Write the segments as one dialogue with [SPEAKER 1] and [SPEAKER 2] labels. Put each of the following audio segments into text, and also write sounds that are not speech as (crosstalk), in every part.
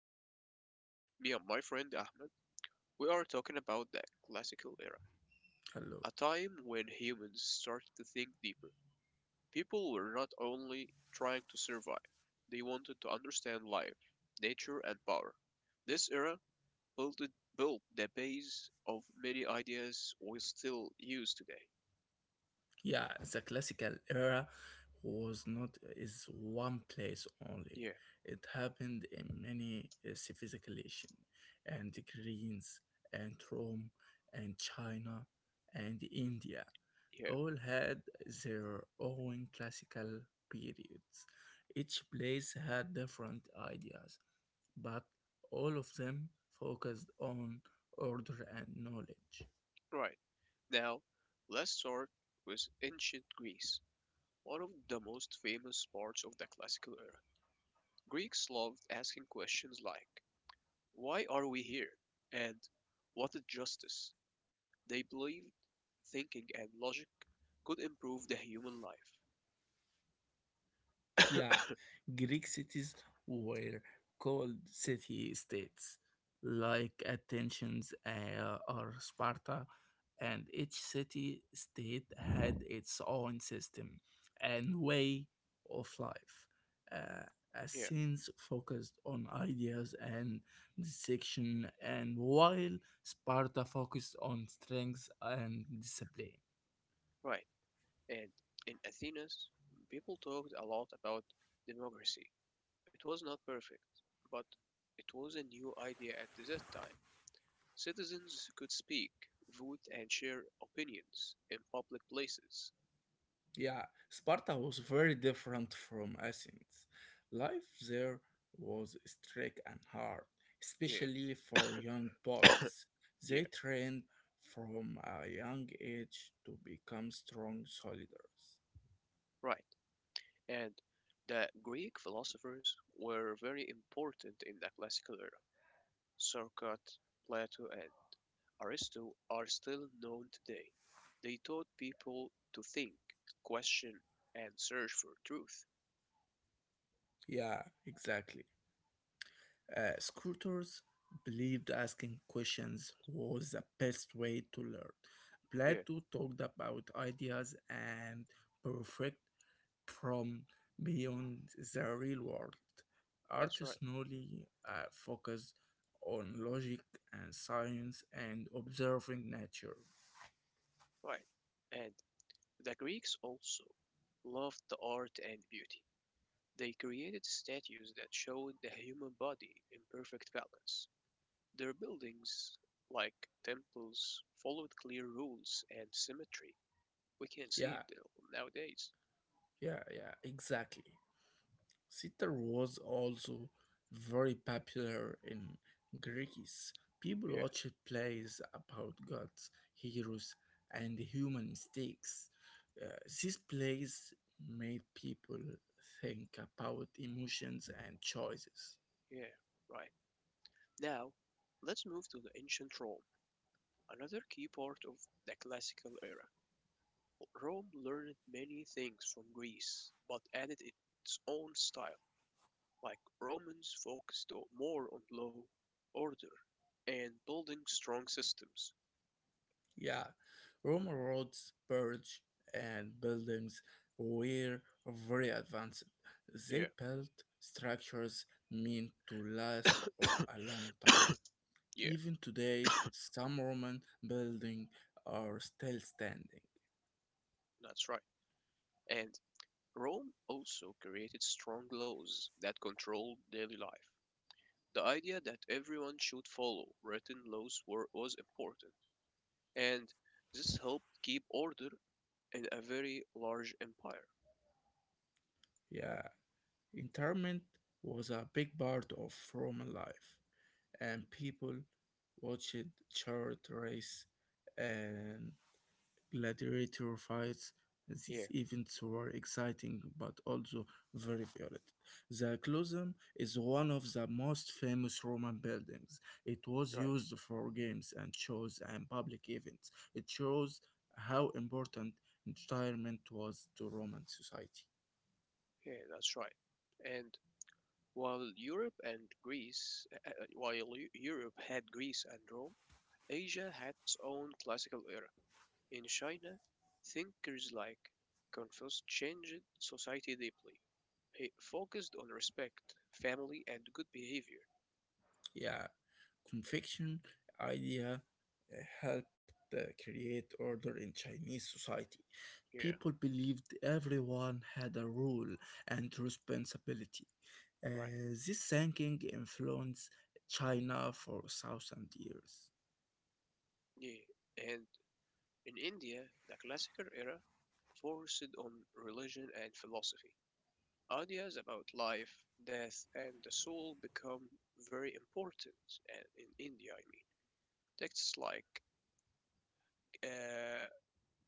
[SPEAKER 1] episode. Today, me and my friend Ahmed, we are talking about the classical era, a
[SPEAKER 2] Hello.
[SPEAKER 1] time when humans started to think deeper. People were not only trying to survive, they wanted to understand life, nature, and power. This era built, built the base of many ideas we still use today.
[SPEAKER 2] Yeah, the classical era was not is one place only.
[SPEAKER 1] Yeah,
[SPEAKER 2] It happened in many civilizations, and the Greens, and Rome, and China, and India.
[SPEAKER 1] yeah,
[SPEAKER 2] All had their own classical periods. Each place had different ideas, but all of them focused on order and knowledge.
[SPEAKER 1] right. Now, let's start with ancient Greece, one of the most famous parts of the classical era. Greeks loved asking questions like, "Why are we here?" and "What is justice?" They believed thinking and logic could improve the human life.
[SPEAKER 2] Yeah, Greek cities were called city states, like Athens or Sparta, and each city state had its own system and way of life. Uh,
[SPEAKER 1] Yeah,
[SPEAKER 2] Athens focused on ideas and dissection, and while Sparta focused on strength and discipline.
[SPEAKER 1] right. And in Athens, people talked a lot about democracy. It was not perfect, but it was a new idea at that time. Citizens could speak, vote, and share opinions in public places.
[SPEAKER 2] Yeah, Sparta was very different from Athens. Life there was strict and hard,
[SPEAKER 1] Yeah,
[SPEAKER 2] especially for young boys.
[SPEAKER 1] yeah,
[SPEAKER 2] They trained from a young age to become strong soldiers.
[SPEAKER 1] right. And the Greek philosophers were very important in the classical era. Socrates, Plato, and Aristotle are still known today. They taught people to think, question, and search for truth.
[SPEAKER 2] Yeah, exactly. Scooters believed asking questions was the best way to learn.
[SPEAKER 1] Yeah,
[SPEAKER 2] Plato talked about ideas and perfect from beyond the real world. Art
[SPEAKER 1] that's right.
[SPEAKER 2] slowly focus on logic and science and observing nature.
[SPEAKER 1] Right. And the Greeks also loved the art and beauty. They created statues that showed the human body in perfect balance. Their buildings, like temples, followed clear rules and symmetry. We can't see
[SPEAKER 2] Yeah,
[SPEAKER 1] it nowadays.
[SPEAKER 2] yeah, yeah, exactly. Sitar was also very popular in Greece. People
[SPEAKER 1] Yeah,
[SPEAKER 2] watched plays about gods, heroes, and human mistakes. These plays made people think about emotions and choices.
[SPEAKER 1] yeah, right. Now, let's move to the ancient Rome, another key part of the classical era. Rome learned many things from Greece, but added its own style. Like Romans focused more on law, order, and building strong systems.
[SPEAKER 2] Yeah, Rome roads, bridge, and buildings were very advanced.
[SPEAKER 1] Yeah,
[SPEAKER 2] They built structures meant to last a long time.
[SPEAKER 1] (coughs) yeah,
[SPEAKER 2] Even today, some Roman buildings are still standing.
[SPEAKER 1] that's right. And Rome also created strong laws that controlled daily life. The idea that everyone should follow written laws was important, and this helped keep order in a very large empire.
[SPEAKER 2] Yeah, interment was a big part of Roman life, and people watched chariot race and Gladiator fights at
[SPEAKER 1] Yeah,
[SPEAKER 2] these events were exciting but also very violent. The Colosseum is one of the most famous Roman buildings. It was
[SPEAKER 1] right.
[SPEAKER 2] used for games and shows and public events. It shows how important entertainment was to Roman society.
[SPEAKER 1] Yeah, that's right. And while Europe and Greece, while Eu- Europe had Greece and Rome, Asia had its own classical era. In China, thinkers like Confucius changed society deeply. He focused on respect, family, and good behavior.
[SPEAKER 2] Yeah, Confection idea helped create order in Chinese society.
[SPEAKER 1] Yeah,
[SPEAKER 2] People believed everyone had a role and responsibility.
[SPEAKER 1] right.
[SPEAKER 2] Uh, this thinking influenced China for thousands years.
[SPEAKER 1] Yeah. And in India, the classical era focused on religion and philosophy. Ideas about life, death, and the soul become very important in India, I mean. Texts like uh,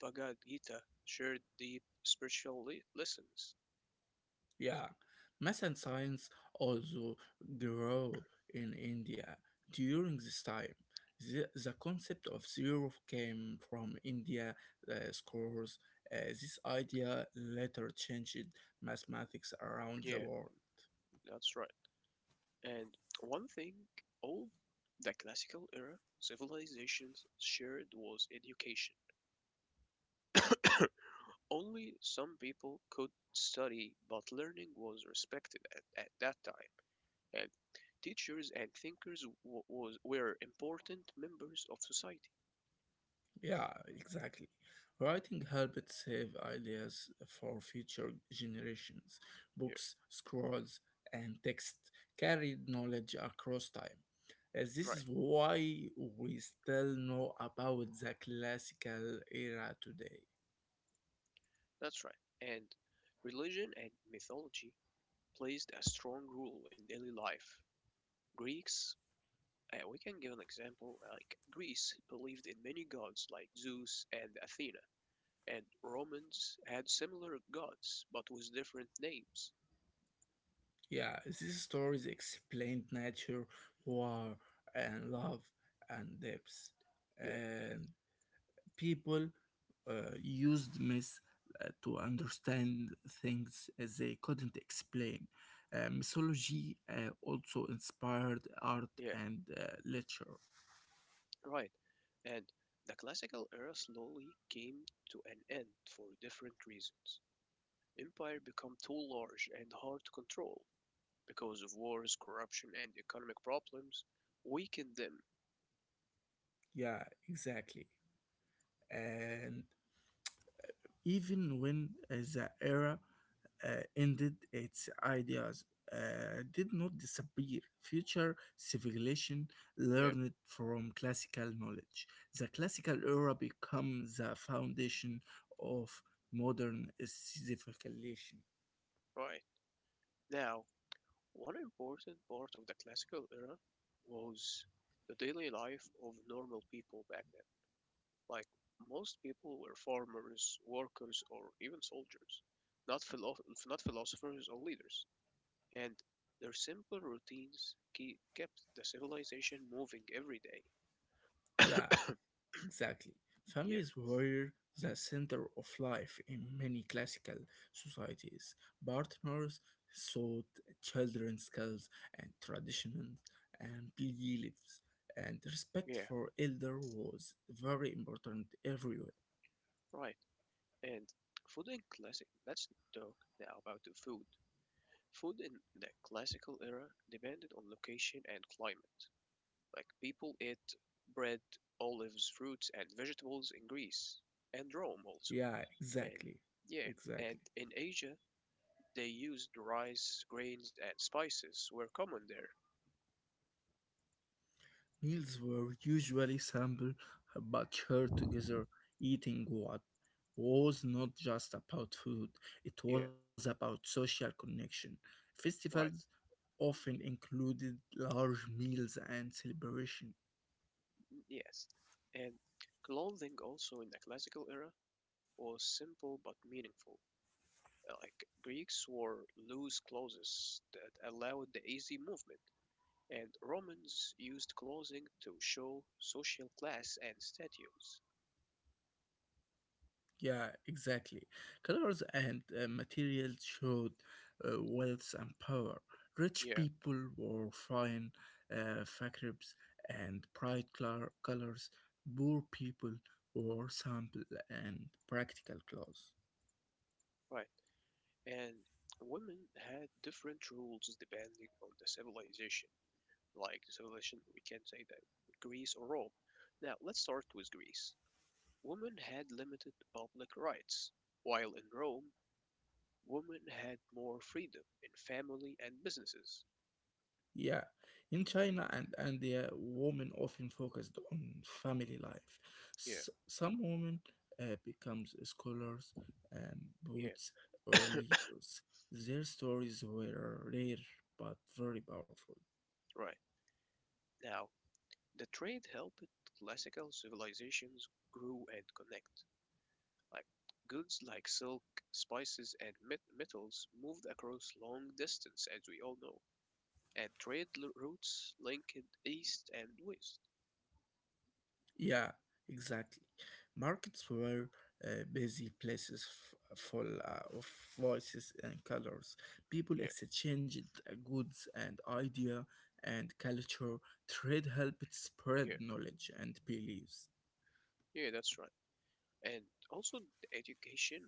[SPEAKER 1] Bhagavad Gita shared deep spiritual lessons.
[SPEAKER 2] Yeah, math and science also grew in India during this time. The concept of zero came from India scores. This idea later changed mathematics around the
[SPEAKER 1] Yeah,
[SPEAKER 2] world.
[SPEAKER 1] that's right. And one thing all the classical era civilizations shared was education. (coughs) Only some people could study, but learning was respected at that time, and teachers and thinkers were important members of society.
[SPEAKER 2] Yeah, exactly. Writing helped save ideas for future generations.
[SPEAKER 1] Yeah,
[SPEAKER 2] Books, scrolls, and text carried knowledge across time. As this
[SPEAKER 1] right,
[SPEAKER 2] is why we still know about the classical era today.
[SPEAKER 1] that's right. And religion and mythology plays a strong role in daily life. Greeks we can give an example like Greece believed in many gods like Zeus and Athena, and Romans had similar gods but with different names.
[SPEAKER 2] Yeah, these stories explained nature, war, and love, and depths.
[SPEAKER 1] Yeah,
[SPEAKER 2] And people used myth to understand things as they couldn't explain. Mythology also inspired art
[SPEAKER 1] yeah,
[SPEAKER 2] and literature.
[SPEAKER 1] right. And the classical era slowly came to an end for different reasons. Empire become too large and hard to control because of wars, corruption, and economic problems weakened them.
[SPEAKER 2] Yeah, exactly. And even when the era uh, ended, its ideas did not disappear. Future civilization
[SPEAKER 1] Yeah,
[SPEAKER 2] learned from classical knowledge. The classical era became the foundation of modern civilization.
[SPEAKER 1] right. Now, one important part of the classical era was the daily life of normal people back then. Like most people were farmers, workers, or even soldiers, not philo- not philosophers or leaders. And their simple routines kept the civilization moving every day.
[SPEAKER 2] Yeah, exactly.
[SPEAKER 1] Yeah,
[SPEAKER 2] Families were the center of life in many classical societies. Partners taught children skills and traditions and beliefs, and respect
[SPEAKER 1] yeah,
[SPEAKER 2] for elder was very important everywhere.
[SPEAKER 1] right. And food in classic. Let's talk now about the food. Food in the classical era depended on location and climate. Like people ate bread, olives, fruits, and vegetables in Greece and Rome also.
[SPEAKER 2] Yeah,
[SPEAKER 1] And
[SPEAKER 2] exactly.
[SPEAKER 1] yeah,
[SPEAKER 2] Exactly.
[SPEAKER 1] and in Asia, they used rice, grains, and spices were common there.
[SPEAKER 2] Meals were usually simple but shared together, eating what was not just about food, it
[SPEAKER 1] Yeah,
[SPEAKER 2] was about social connection. Festivals
[SPEAKER 1] right.
[SPEAKER 2] often included large meals and celebration.
[SPEAKER 1] Mm, yes. And clothing also in the classical era was simple but meaningful. Like Greeks wore loose clothes that allowed the easy movement, and Romans used clothing to show social class and status.
[SPEAKER 2] Yeah, exactly. Colors and materials showed wealth and power. Rich
[SPEAKER 1] Yeah,
[SPEAKER 2] people wore fine fabrics and bright colors. Poor people wore simple and practical clothes.
[SPEAKER 1] right. And women had different rules depending on the civilization. Like the civilization, we can say that Greece or Rome. Now, let's start with Greece. Women had limited public rights, while in Rome, women had more freedom in family and businesses.
[SPEAKER 2] Yeah, in China and the women often focused on family life.
[SPEAKER 1] Yeah,
[SPEAKER 2] Some women becomes scholars, um,
[SPEAKER 1] yeah,
[SPEAKER 2] poets, or leaders. Their stories were rare but very powerful.
[SPEAKER 1] right. Now, the trade helped classical civilizations grow and connect. Like goods like silk, spices, and metals moved across long distance, as we all know. And trade routes linked east and west.
[SPEAKER 2] Yeah, exactly. Markets were busy places full of voices and colors. People
[SPEAKER 1] Yeah,
[SPEAKER 2] exchanged goods and idea and culture. Trade helped
[SPEAKER 1] yeah,
[SPEAKER 2] spread knowledge and beliefs.
[SPEAKER 1] yeah, that's right. And also, the education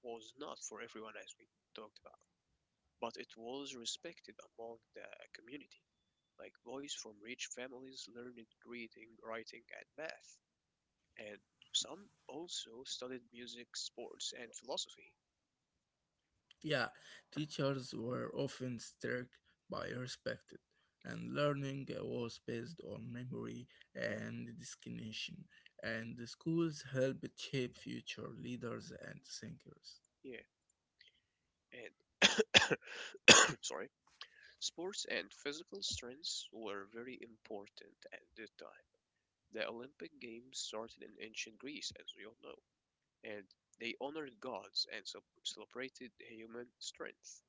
[SPEAKER 1] was not for everyone, as we talked about, but it was respected among the community. Like boys from rich families learned reading, writing, and math, and some also studied music, sports, and philosophy.
[SPEAKER 2] Yeah, teachers were often strict by respected, and learning was based on memory and discrimination. And the schools helped shape future leaders and thinkers.
[SPEAKER 1] Yeah, and (coughs) sorry, sports and physical strengths were very important at the time. The Olympic Games started in ancient Greece, as we all know, and they honored gods and so celebrated human strength.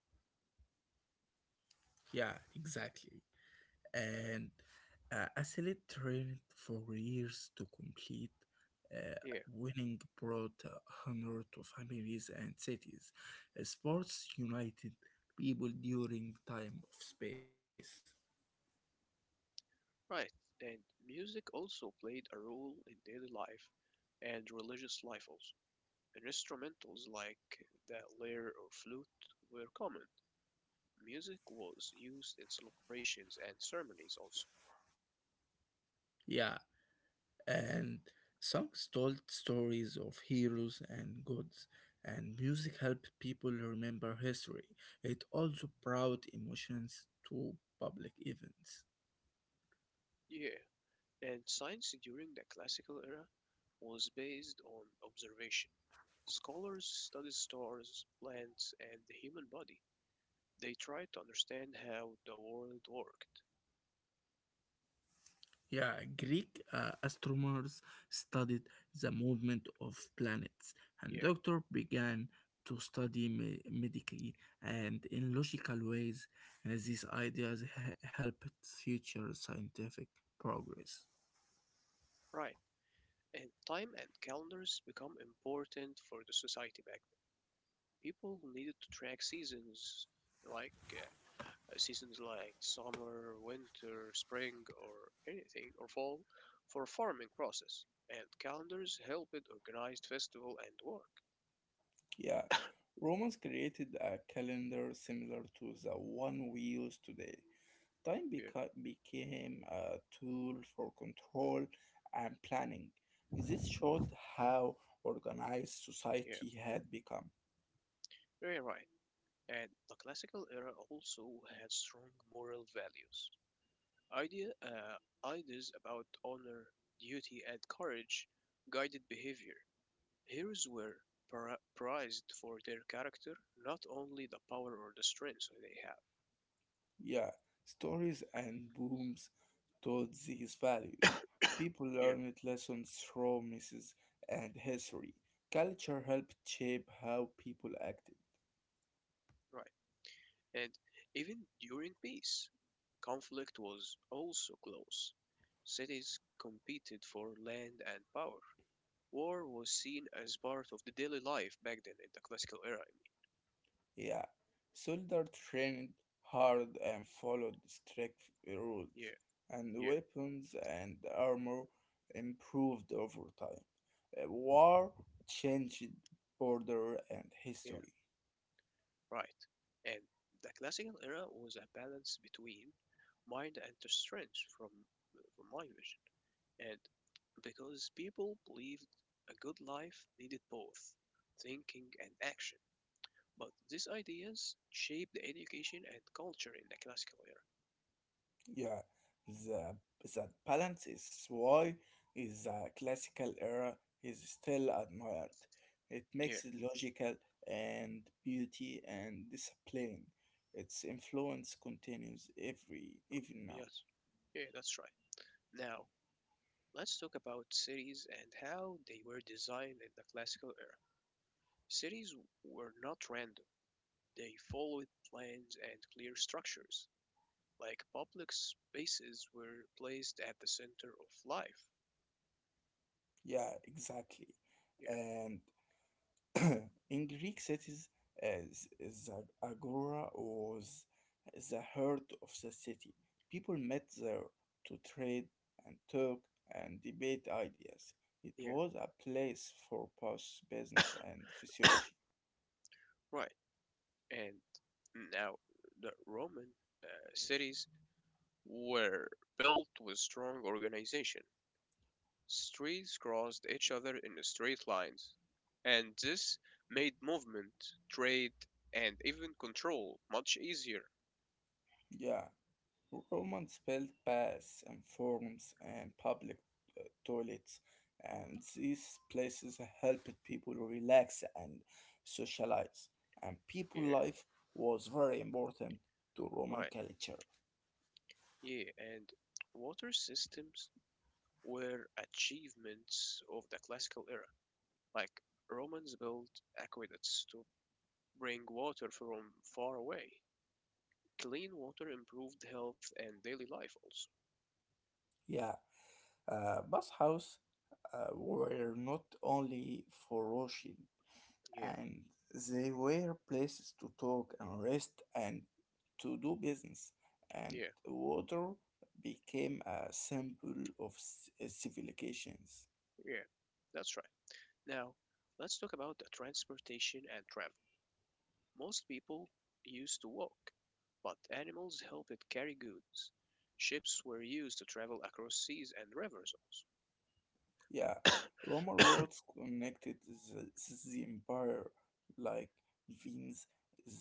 [SPEAKER 2] Yeah, exactly. And Asselit trained for years to complete. Uh,
[SPEAKER 1] Yeah,
[SPEAKER 2] Winning brought honor to families and cities. Sports united people during time of space.
[SPEAKER 1] right. And music also played a role in daily life and religious life also. And instrumentals like the lyre or flute were common. Music was used in celebrations and ceremonies also.
[SPEAKER 2] Yeah, and songs told stories of heroes and gods, and music helped people remember history. It also brought emotions to public events.
[SPEAKER 1] Yeah. And science during the classical era was based on observation. Scholars study stars, plants, and the human body. They try to understand how the world worked.
[SPEAKER 2] Yeah, Greek astronomers studied the movement of planets, and
[SPEAKER 1] Yeah,
[SPEAKER 2] Doctor began to study medically and in logical ways. These ideas helped future scientific progress.
[SPEAKER 1] right. And time and calendars become important for the society back then. People needed to track seasons like summer, winter, spring, or anything or fall for farming process. And calendars helped organize festival and work.
[SPEAKER 2] Yeah, Romans created a calendar similar to the one we use today. Time
[SPEAKER 1] Yeah,
[SPEAKER 2] became a tool for control and planning. This showed how organized
[SPEAKER 1] yeah,
[SPEAKER 2] society had become.
[SPEAKER 1] very right. And the classical era also had strong moral values. Ideas about honor, duty, and courage guided behavior. Heroes were prized for their character, not only the power or the strength they have.
[SPEAKER 2] Yeah, stories and booms taught these values. People
[SPEAKER 1] (coughs) Yeah,
[SPEAKER 2] learned lessons from misses and history. Culture helped shape how people acted.
[SPEAKER 1] right. And even during peace, conflict was also close. Cities competed for land and power. War was seen as part of the daily life back then in the classical era. I
[SPEAKER 2] Yeah, soldiers trained hard and followed strict
[SPEAKER 1] mean.
[SPEAKER 2] rules,
[SPEAKER 1] Yeah.
[SPEAKER 2] and
[SPEAKER 1] Yeah,
[SPEAKER 2] weapons and armor improved over time. War changed border and
[SPEAKER 1] yeah,
[SPEAKER 2] history.
[SPEAKER 1] right. And the classical era was a balance between mind and strength from my vision. And because people believed a good life needed both thinking and action. But these ideas shaped education and culture in the classical era.
[SPEAKER 2] Yeah, the that balance is why is the classical era is still admired. It
[SPEAKER 1] Yeah,
[SPEAKER 2] makes it logical and beauty and discipline. Its influence continues every even now.
[SPEAKER 1] yes. Yeah, that's right. Now, let's talk about cities and how they were designed in the classical era. Cities were not random. They followed plans and clear structures, like public spaces were placed at the center of life.
[SPEAKER 2] Yeah, exactly.
[SPEAKER 1] Yeah,
[SPEAKER 2] And (clears throat) in Greek cities, the agora was the heart of the city. People met there to trade and talk and debate ideas. It
[SPEAKER 1] yeah,
[SPEAKER 2] was a place for both business and physiology.
[SPEAKER 1] right. And now the Roman cities were built with strong organization. Streets crossed each other in straight lines, and this made movement, trade, and even control much easier.
[SPEAKER 2] Yeah. Roman spelled baths and forums and public toilets, and these places helped people relax and socialize. And people
[SPEAKER 1] Yeah,
[SPEAKER 2] life was very important to Roman
[SPEAKER 1] right.
[SPEAKER 2] culture.
[SPEAKER 1] Yeah, and water systems were achievements of the classical era. Like Romans built aqueducts to bring water from far away. Clean water improved health and daily life also.
[SPEAKER 2] Yeah, bathhouse were not only for washing,
[SPEAKER 1] Yeah,
[SPEAKER 2] and they were places to talk and rest and to do business, and
[SPEAKER 1] yeah,
[SPEAKER 2] water became a symbol of civilizations.
[SPEAKER 1] yeah. That's right. Now, let's talk about the transportation and travel. Most people used to walk, but animals helped it carry goods. Ships were used to travel across seas and rivers
[SPEAKER 2] Yeah,
[SPEAKER 1] also.
[SPEAKER 2] Roman
[SPEAKER 1] (coughs)
[SPEAKER 2] roads connected the, the empire like veins.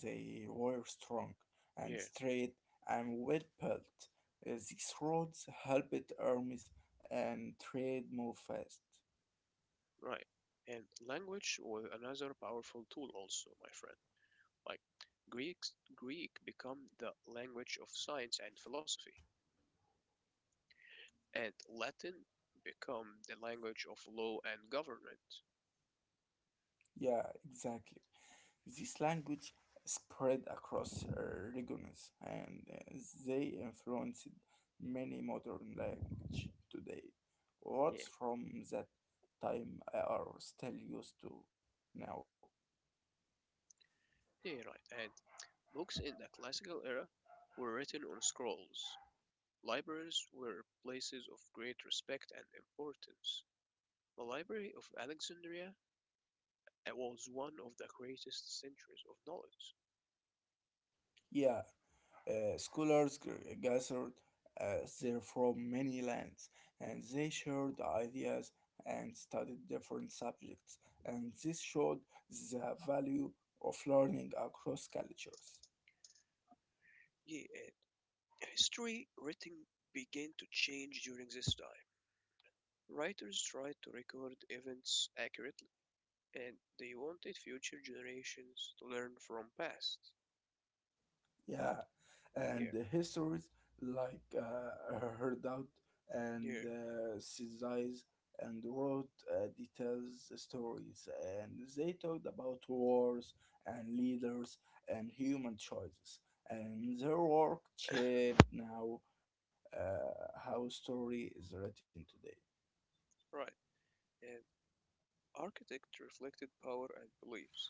[SPEAKER 2] They were strong and
[SPEAKER 1] Yeah,
[SPEAKER 2] straight and well built. These roads helped armies and trade move fast.
[SPEAKER 1] right. And language was another powerful tool also, my friend. Like Greek become the language of science and philosophy, and Latin become the language of law and government.
[SPEAKER 2] Yeah, exactly. This language spread across regions and they influenced many modern language today.
[SPEAKER 1] Yeah,
[SPEAKER 2] Words from that time are still used to now.
[SPEAKER 1] yeah, right. And books in the classical era were written on scrolls. Libraries were places of great respect and importance. The Library of Alexandria was one of the greatest centers of knowledge.
[SPEAKER 2] Yeah, scholars gathered there from many lands and they shared ideas and studied different subjects and this showed the value of learning across cultures.
[SPEAKER 1] Yeah, and history writing began to change during this time. Writers tried to record events accurately, and they wanted future generations to learn from past.
[SPEAKER 2] Yeah, and
[SPEAKER 1] Yeah,
[SPEAKER 2] the histories like Herdoubt and
[SPEAKER 1] yeah,
[SPEAKER 2] Sizais and wrote details stories, and they talked about wars and leaders and human choices, and their work
[SPEAKER 1] (coughs)
[SPEAKER 2] shaped now how story is written today.
[SPEAKER 1] (laughs) right. And architecture reflected power and beliefs.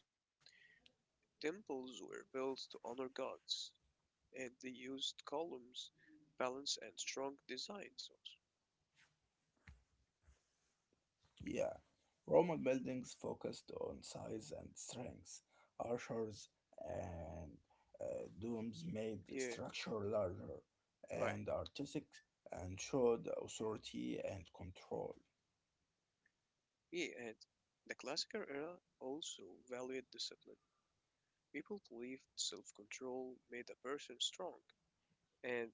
[SPEAKER 1] Temples were built to honor gods, and they used columns, balance, and strong designs, also.
[SPEAKER 2] Yeah, Roman buildings focused on size and strength. Archers and domes made the
[SPEAKER 1] Yeah,
[SPEAKER 2] structure larger
[SPEAKER 1] right.
[SPEAKER 2] and artistic and showed authority and control.
[SPEAKER 1] Yeah, and the classical era also valued discipline. People believed self-control made a person strong, and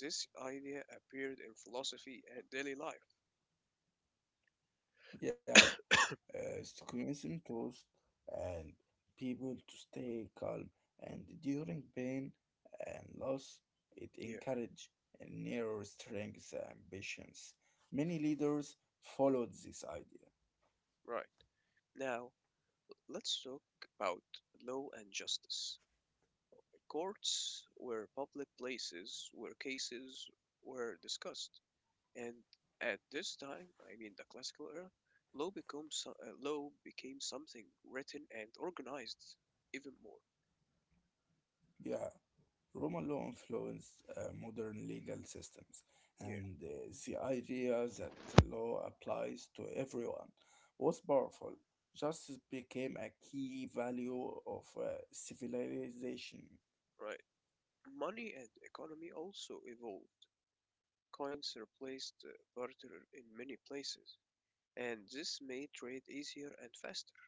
[SPEAKER 1] this idea appeared in philosophy and daily life.
[SPEAKER 2] Yeah, Stoicism taught and people to stay calm and during pain and loss, it
[SPEAKER 1] Yeah,
[SPEAKER 2] encouraged narrow strength ambitions. Many leaders followed this idea.
[SPEAKER 1] right. Now, let's talk about law and justice. Courts were public places where cases were discussed, and at this time, I mean the classical era, law became something written and organized even more.
[SPEAKER 2] Yeah. Roman law influenced modern legal systems,
[SPEAKER 1] Yeah,
[SPEAKER 2] and the idea that law applies to everyone was powerful. Justice became a key value of civilization.
[SPEAKER 1] right. Money and economy also evolved. Coins replaced barter in many places, and this made trade easier and faster.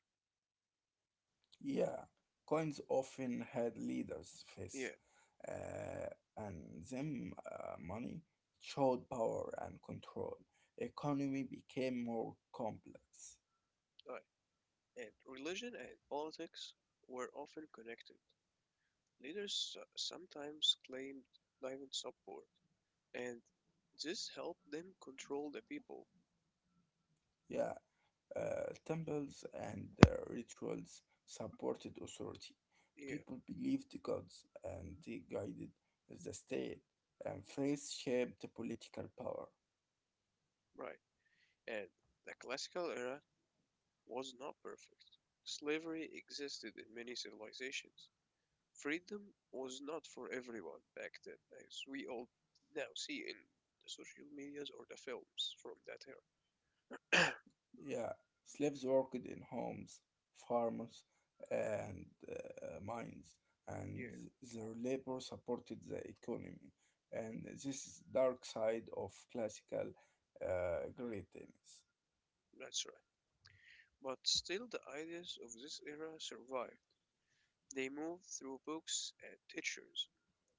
[SPEAKER 2] Yeah, coins often had leaders' face,
[SPEAKER 1] Yeah,
[SPEAKER 2] uh, and them money showed power and control. Economy became more complex.
[SPEAKER 1] right. And religion and politics were often connected. Leaders sometimes claimed divine support, and this helped them control the people.
[SPEAKER 2] Yeah, temples and rituals supported authority.
[SPEAKER 1] Yeah,
[SPEAKER 2] People believed gods and they guided the state, and faith shaped political power.
[SPEAKER 1] right. And the classical era was not perfect. Slavery existed in many civilizations, freedom was not for everyone back then, as we all now see in the social medias or the films from that era.
[SPEAKER 2] Yeah, slaves worked in homes, farms, and mines, and
[SPEAKER 1] Yeah,
[SPEAKER 2] their labor supported the economy. And this is dark side of classical greatness.
[SPEAKER 1] that's right. But still, the ideas of this era survived. They moved through books and teachers.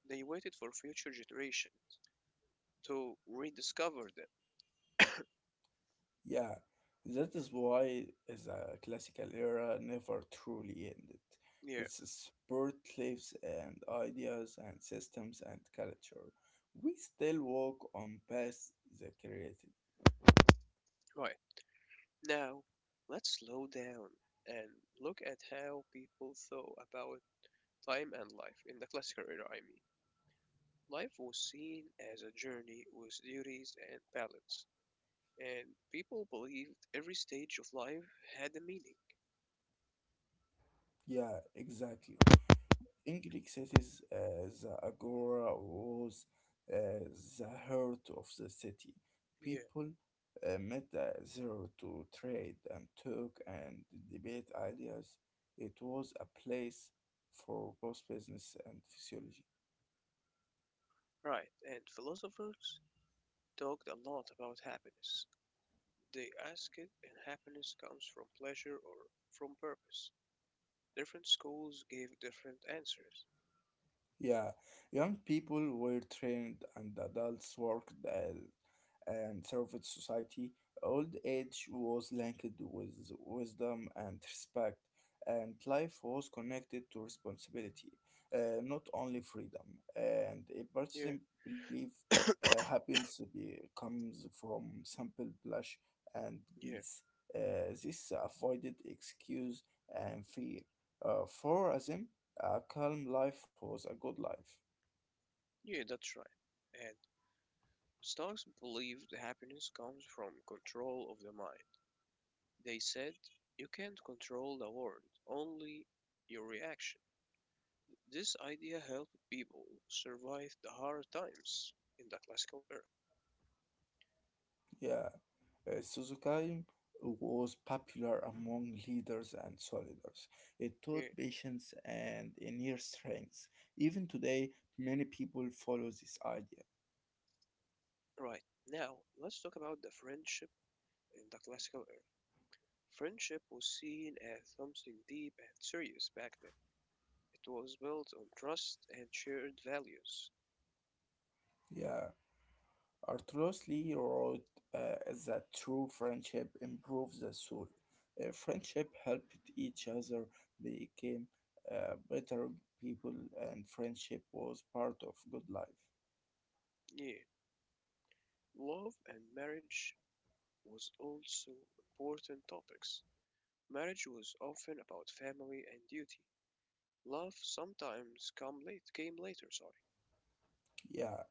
[SPEAKER 1] They waited for future generations to rediscover them.
[SPEAKER 2] Yeah, that is why the classical era never truly ended.
[SPEAKER 1] Yeah,
[SPEAKER 2] Its spirit lives and ideas and systems and culture. We still walk on past the created.
[SPEAKER 1] right. Now, let's slow down and look at how people thought about time and life in the classical era, I mean. Life was seen as a journey with duties and balance, and people believed every stage of life had a meaning.
[SPEAKER 2] Yeah, exactly. In Greek cities, the agora was uh, the heart of the city.
[SPEAKER 1] Yeah,
[SPEAKER 2] People met there to trade and talk and debate ideas. It was a place for both business and physiology.
[SPEAKER 1] right. And philosophers talked a lot about happiness. They asked if happiness comes from pleasure or from purpose. Different schools gave different answers.
[SPEAKER 2] Yeah, young people were trained and adults worked as and served society. Old age was linked with wisdom and respect, and life was connected to responsibility, not only freedom. And a
[SPEAKER 1] Yeah,
[SPEAKER 2] person believed happiness comes from simple blush and
[SPEAKER 1] yeah,
[SPEAKER 2] peace. This avoided excuse and fear. For us. A calm life was a good life.
[SPEAKER 1] yeah, that's right. And Stocks believed happiness comes from control of the mind. They said, "You can't control the world, only your reaction." This idea helped people survive the hard times in the classical era.
[SPEAKER 2] Yeah, Suzuki was popular among leaders and soldiers. It
[SPEAKER 1] Yeah.
[SPEAKER 2] taught patience and inner strength. Even today, many people follow this idea.
[SPEAKER 1] Right. Now, let's talk about the friendship in the classical era. Friendship was seen as something deep and serious back then. It was built on trust and shared values.
[SPEAKER 2] Yeah, Arturos Lee wrote uh, that true friendship improves the soul. Friendship helped each other became better people, and friendship was part of good life.
[SPEAKER 1] Yeah. Love and marriage was also important topics. Marriage was often about family and duty. Love sometimes come late came later, sorry.
[SPEAKER 2] Yeah,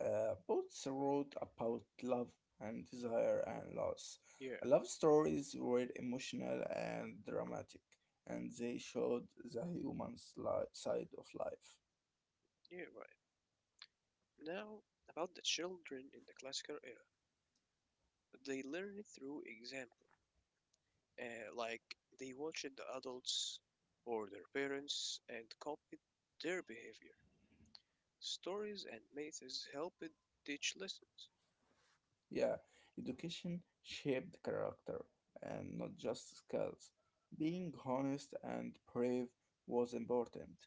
[SPEAKER 2] Both wrote about love and desire and loss.
[SPEAKER 1] Yeah,
[SPEAKER 2] Love stories were emotional and dramatic, and they showed the human side of life.
[SPEAKER 1] yeah, right. Now about the children in the classical era. They learn it through example. Like they watched the adults or their parents and copied their behavior. Stories and myths helped teach lessons.
[SPEAKER 2] Yeah, education shaped character and not just skills. Being honest and brave was important.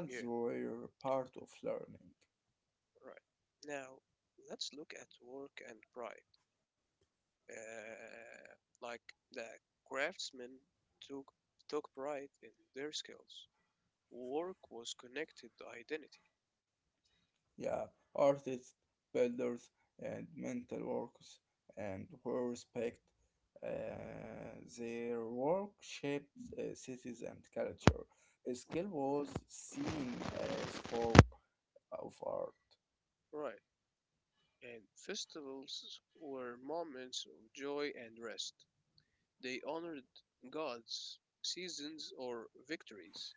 [SPEAKER 1] Yeah,
[SPEAKER 2] were part of learning.
[SPEAKER 1] right. Now let's look at work and pride. Uh, like the craftsmen took took pride in their skills. Work was connected to identity,
[SPEAKER 2] Yeah, artists, builders, and mental workers, and who respect their work shaped cities and culture. Skill was seen as form of art.
[SPEAKER 1] right, and festivals were moments of joy and rest. They honored gods, seasons, or victories.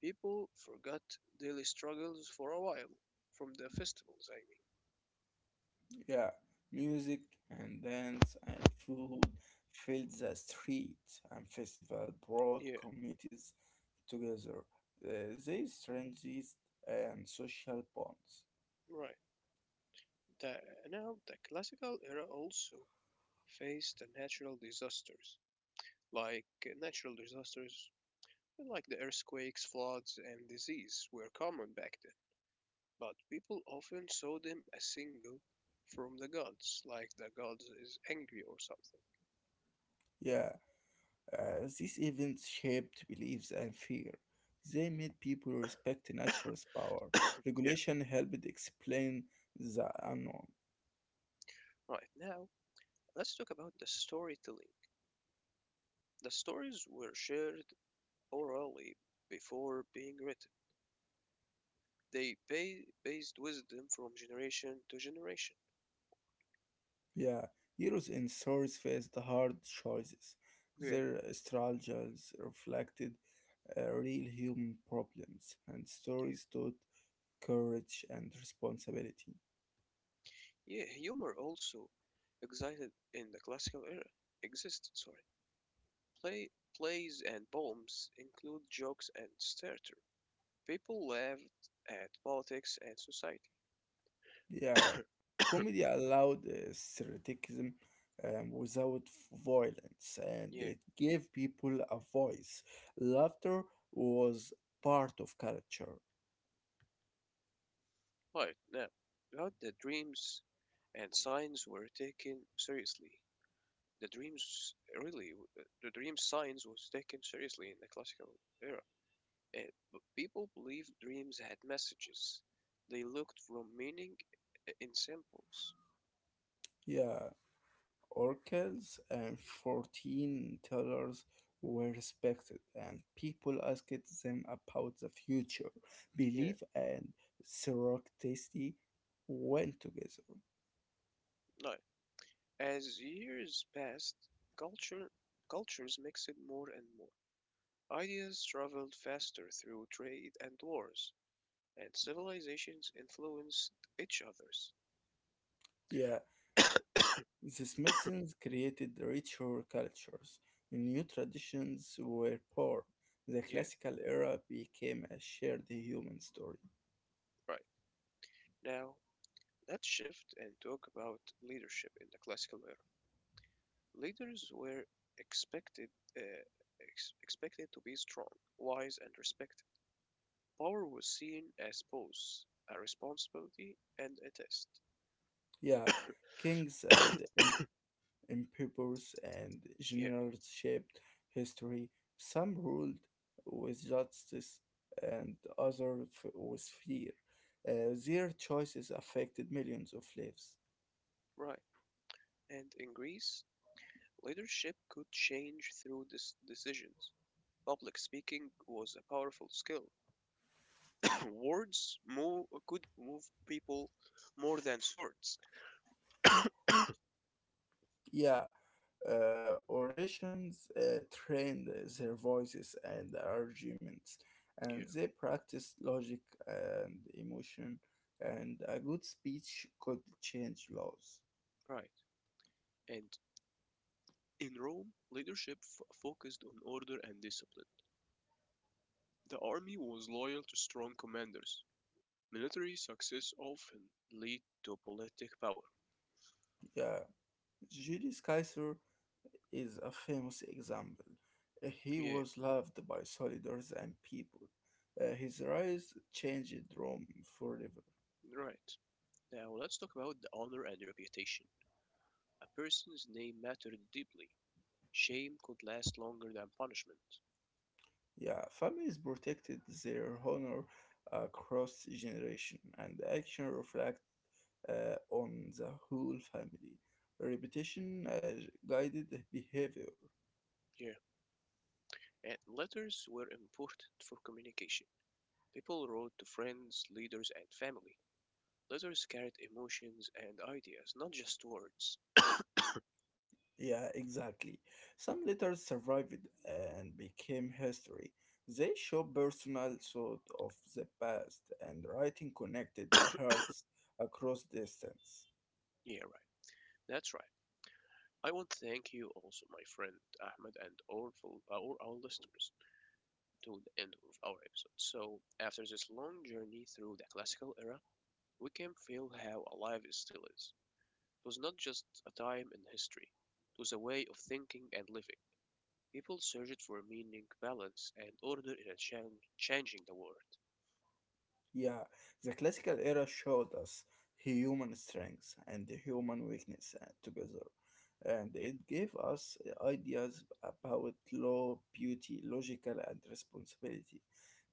[SPEAKER 1] People forgot daily struggles for a while from the festivals, I
[SPEAKER 2] Yeah, music and dance and food filled the streets, and festival brought
[SPEAKER 1] mean. Yeah,
[SPEAKER 2] communities together. Uh, they strengthened and social bonds.
[SPEAKER 1] right. The, now the classical era also faced the natural disasters like the earthquakes, floods, and disease were common back then, but people often saw them as single from the gods, like the gods is angry or something.
[SPEAKER 2] Yeah, these events shaped beliefs and fear. They made people respect nature's power.
[SPEAKER 1] Yeah.
[SPEAKER 2] Regulation helped explain the unknown.
[SPEAKER 1] Right now, let's talk about the storytelling. The stories were shared orally before being written. Based wisdom from generation to generation.
[SPEAKER 2] Yeah, heroes in stories faced hard choices.
[SPEAKER 1] Yeah.
[SPEAKER 2] Their struggles reflected real human problems, and
[SPEAKER 1] Yeah.
[SPEAKER 2] stories taught courage and responsibility.
[SPEAKER 1] Yeah, humor also existed in the classical era. Existed, sorry. Play, plays and poems include jokes and satire. People laughed at politics and society.
[SPEAKER 2] Yeah, comedy allowed satiricism without violence, and
[SPEAKER 1] (coughs) Yeah,
[SPEAKER 2] it gave people a voice. Laughter was part of culture.
[SPEAKER 1] right now, about the dreams and signs were taken seriously. The dreams really, the dream signs was taken seriously in the classical era. And people believed dreams had messages. They looked for meaning in symbols.
[SPEAKER 2] Yeah, oracles and fortune tellers were respected, and people asked them about the future.
[SPEAKER 1] Yeah,
[SPEAKER 2] Belief and serendipity went together.
[SPEAKER 1] no. As years passed, culture cultures mixed more and more. Ideas traveled faster through trade and wars, and civilizations influenced each other's.
[SPEAKER 2] Yeah,
[SPEAKER 1] (coughs)
[SPEAKER 2] these mixings created richer cultures. New traditions were born. The
[SPEAKER 1] Yeah,
[SPEAKER 2] classical era became a shared human story.
[SPEAKER 1] right. Now, let's shift and talk about leadership in the classical era. Leaders were expected uh, expected to be strong, wise, and respected. Power was seen as both a responsibility and a test.
[SPEAKER 2] Yeah, kings and
[SPEAKER 1] (coughs)
[SPEAKER 2] emperors and
[SPEAKER 1] Yeah,
[SPEAKER 2] generals shaped history. Some ruled with justice and others with fear. Their choices affected millions of lives.
[SPEAKER 1] right. And in Greece, leadership could change through decisions. Public speaking was a powerful skill. Words move could move people more than swords.
[SPEAKER 2] Yeah, orations trained their voices and arguments, and
[SPEAKER 1] Yeah,
[SPEAKER 2] they practiced logic and emotion, and a good speech could change laws.
[SPEAKER 1] right. And in Rome, leadership focused on order and discipline. The army was loyal to strong commanders. Military success often lead to politic power.
[SPEAKER 2] Yeah, Julius Caesar is a famous example. He
[SPEAKER 1] Yeah,
[SPEAKER 2] was loved by soldiers and people. His rise changed Rome forever.
[SPEAKER 1] right. Now let's talk about the honor and reputation. A person's name mattered deeply. Shame could last longer than punishment.
[SPEAKER 2] Yeah, families protected their honor across generation, and the action reflect on the whole family. Repetition guided behavior.
[SPEAKER 1] Yeah, and letters were important for communication. People wrote to friends, leaders, and family. Letters carried emotions and ideas, not just words.
[SPEAKER 2] Yeah, exactly. Some letters survived and became history. They show personal thought of the past and writing connected the hearts across distance.
[SPEAKER 1] Yeah, right. That's right. I want to thank you also, my friend Ahmed, and all, for, all our listeners to the end of our episode. So, after this long journey through the classical era, we can feel how alive it still is. It was not just a time in history, it was a way of thinking and living. People searched for meaning, balance, and order in a changing the world.
[SPEAKER 2] Yeah, the classical era showed us human strength and human weakness together, and
[SPEAKER 1] Yeah,
[SPEAKER 2] it gave us ideas about law, beauty, logical, and responsibility.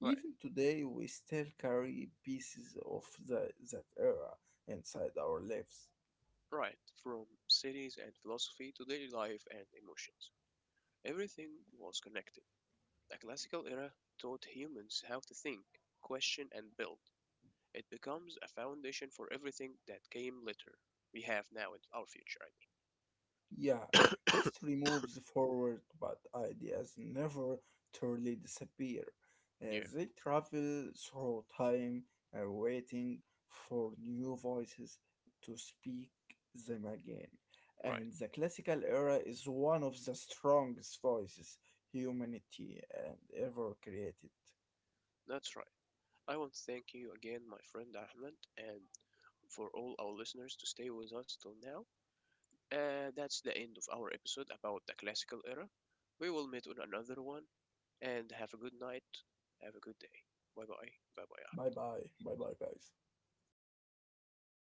[SPEAKER 1] right.
[SPEAKER 2] Even today, we still carry pieces of that era inside our lives.
[SPEAKER 1] Right, from cities and philosophy to daily life and emotions, everything was connected. The classical era taught humans how to think, question, and build. It becomes a foundation for everything that came later. We have now in our future, I
[SPEAKER 2] Yeah,
[SPEAKER 1] mean.
[SPEAKER 2] history moves forward, but ideas never truly disappear.
[SPEAKER 1] (coughs) Yeah,
[SPEAKER 2] They travel through time, waiting for new voices to speak them again.
[SPEAKER 1] right,
[SPEAKER 2] And the classical era is one of the strongest voices humanity and ever created.
[SPEAKER 1] that's right. I want to thank you again, my friend Ahmed, and for all our listeners to stay with us till now. That's the end of our episode about the classical era. We will meet on another one and have a good night. Have a good day. Bye bye. Bye bye.
[SPEAKER 2] Bye bye, bye bye, guys.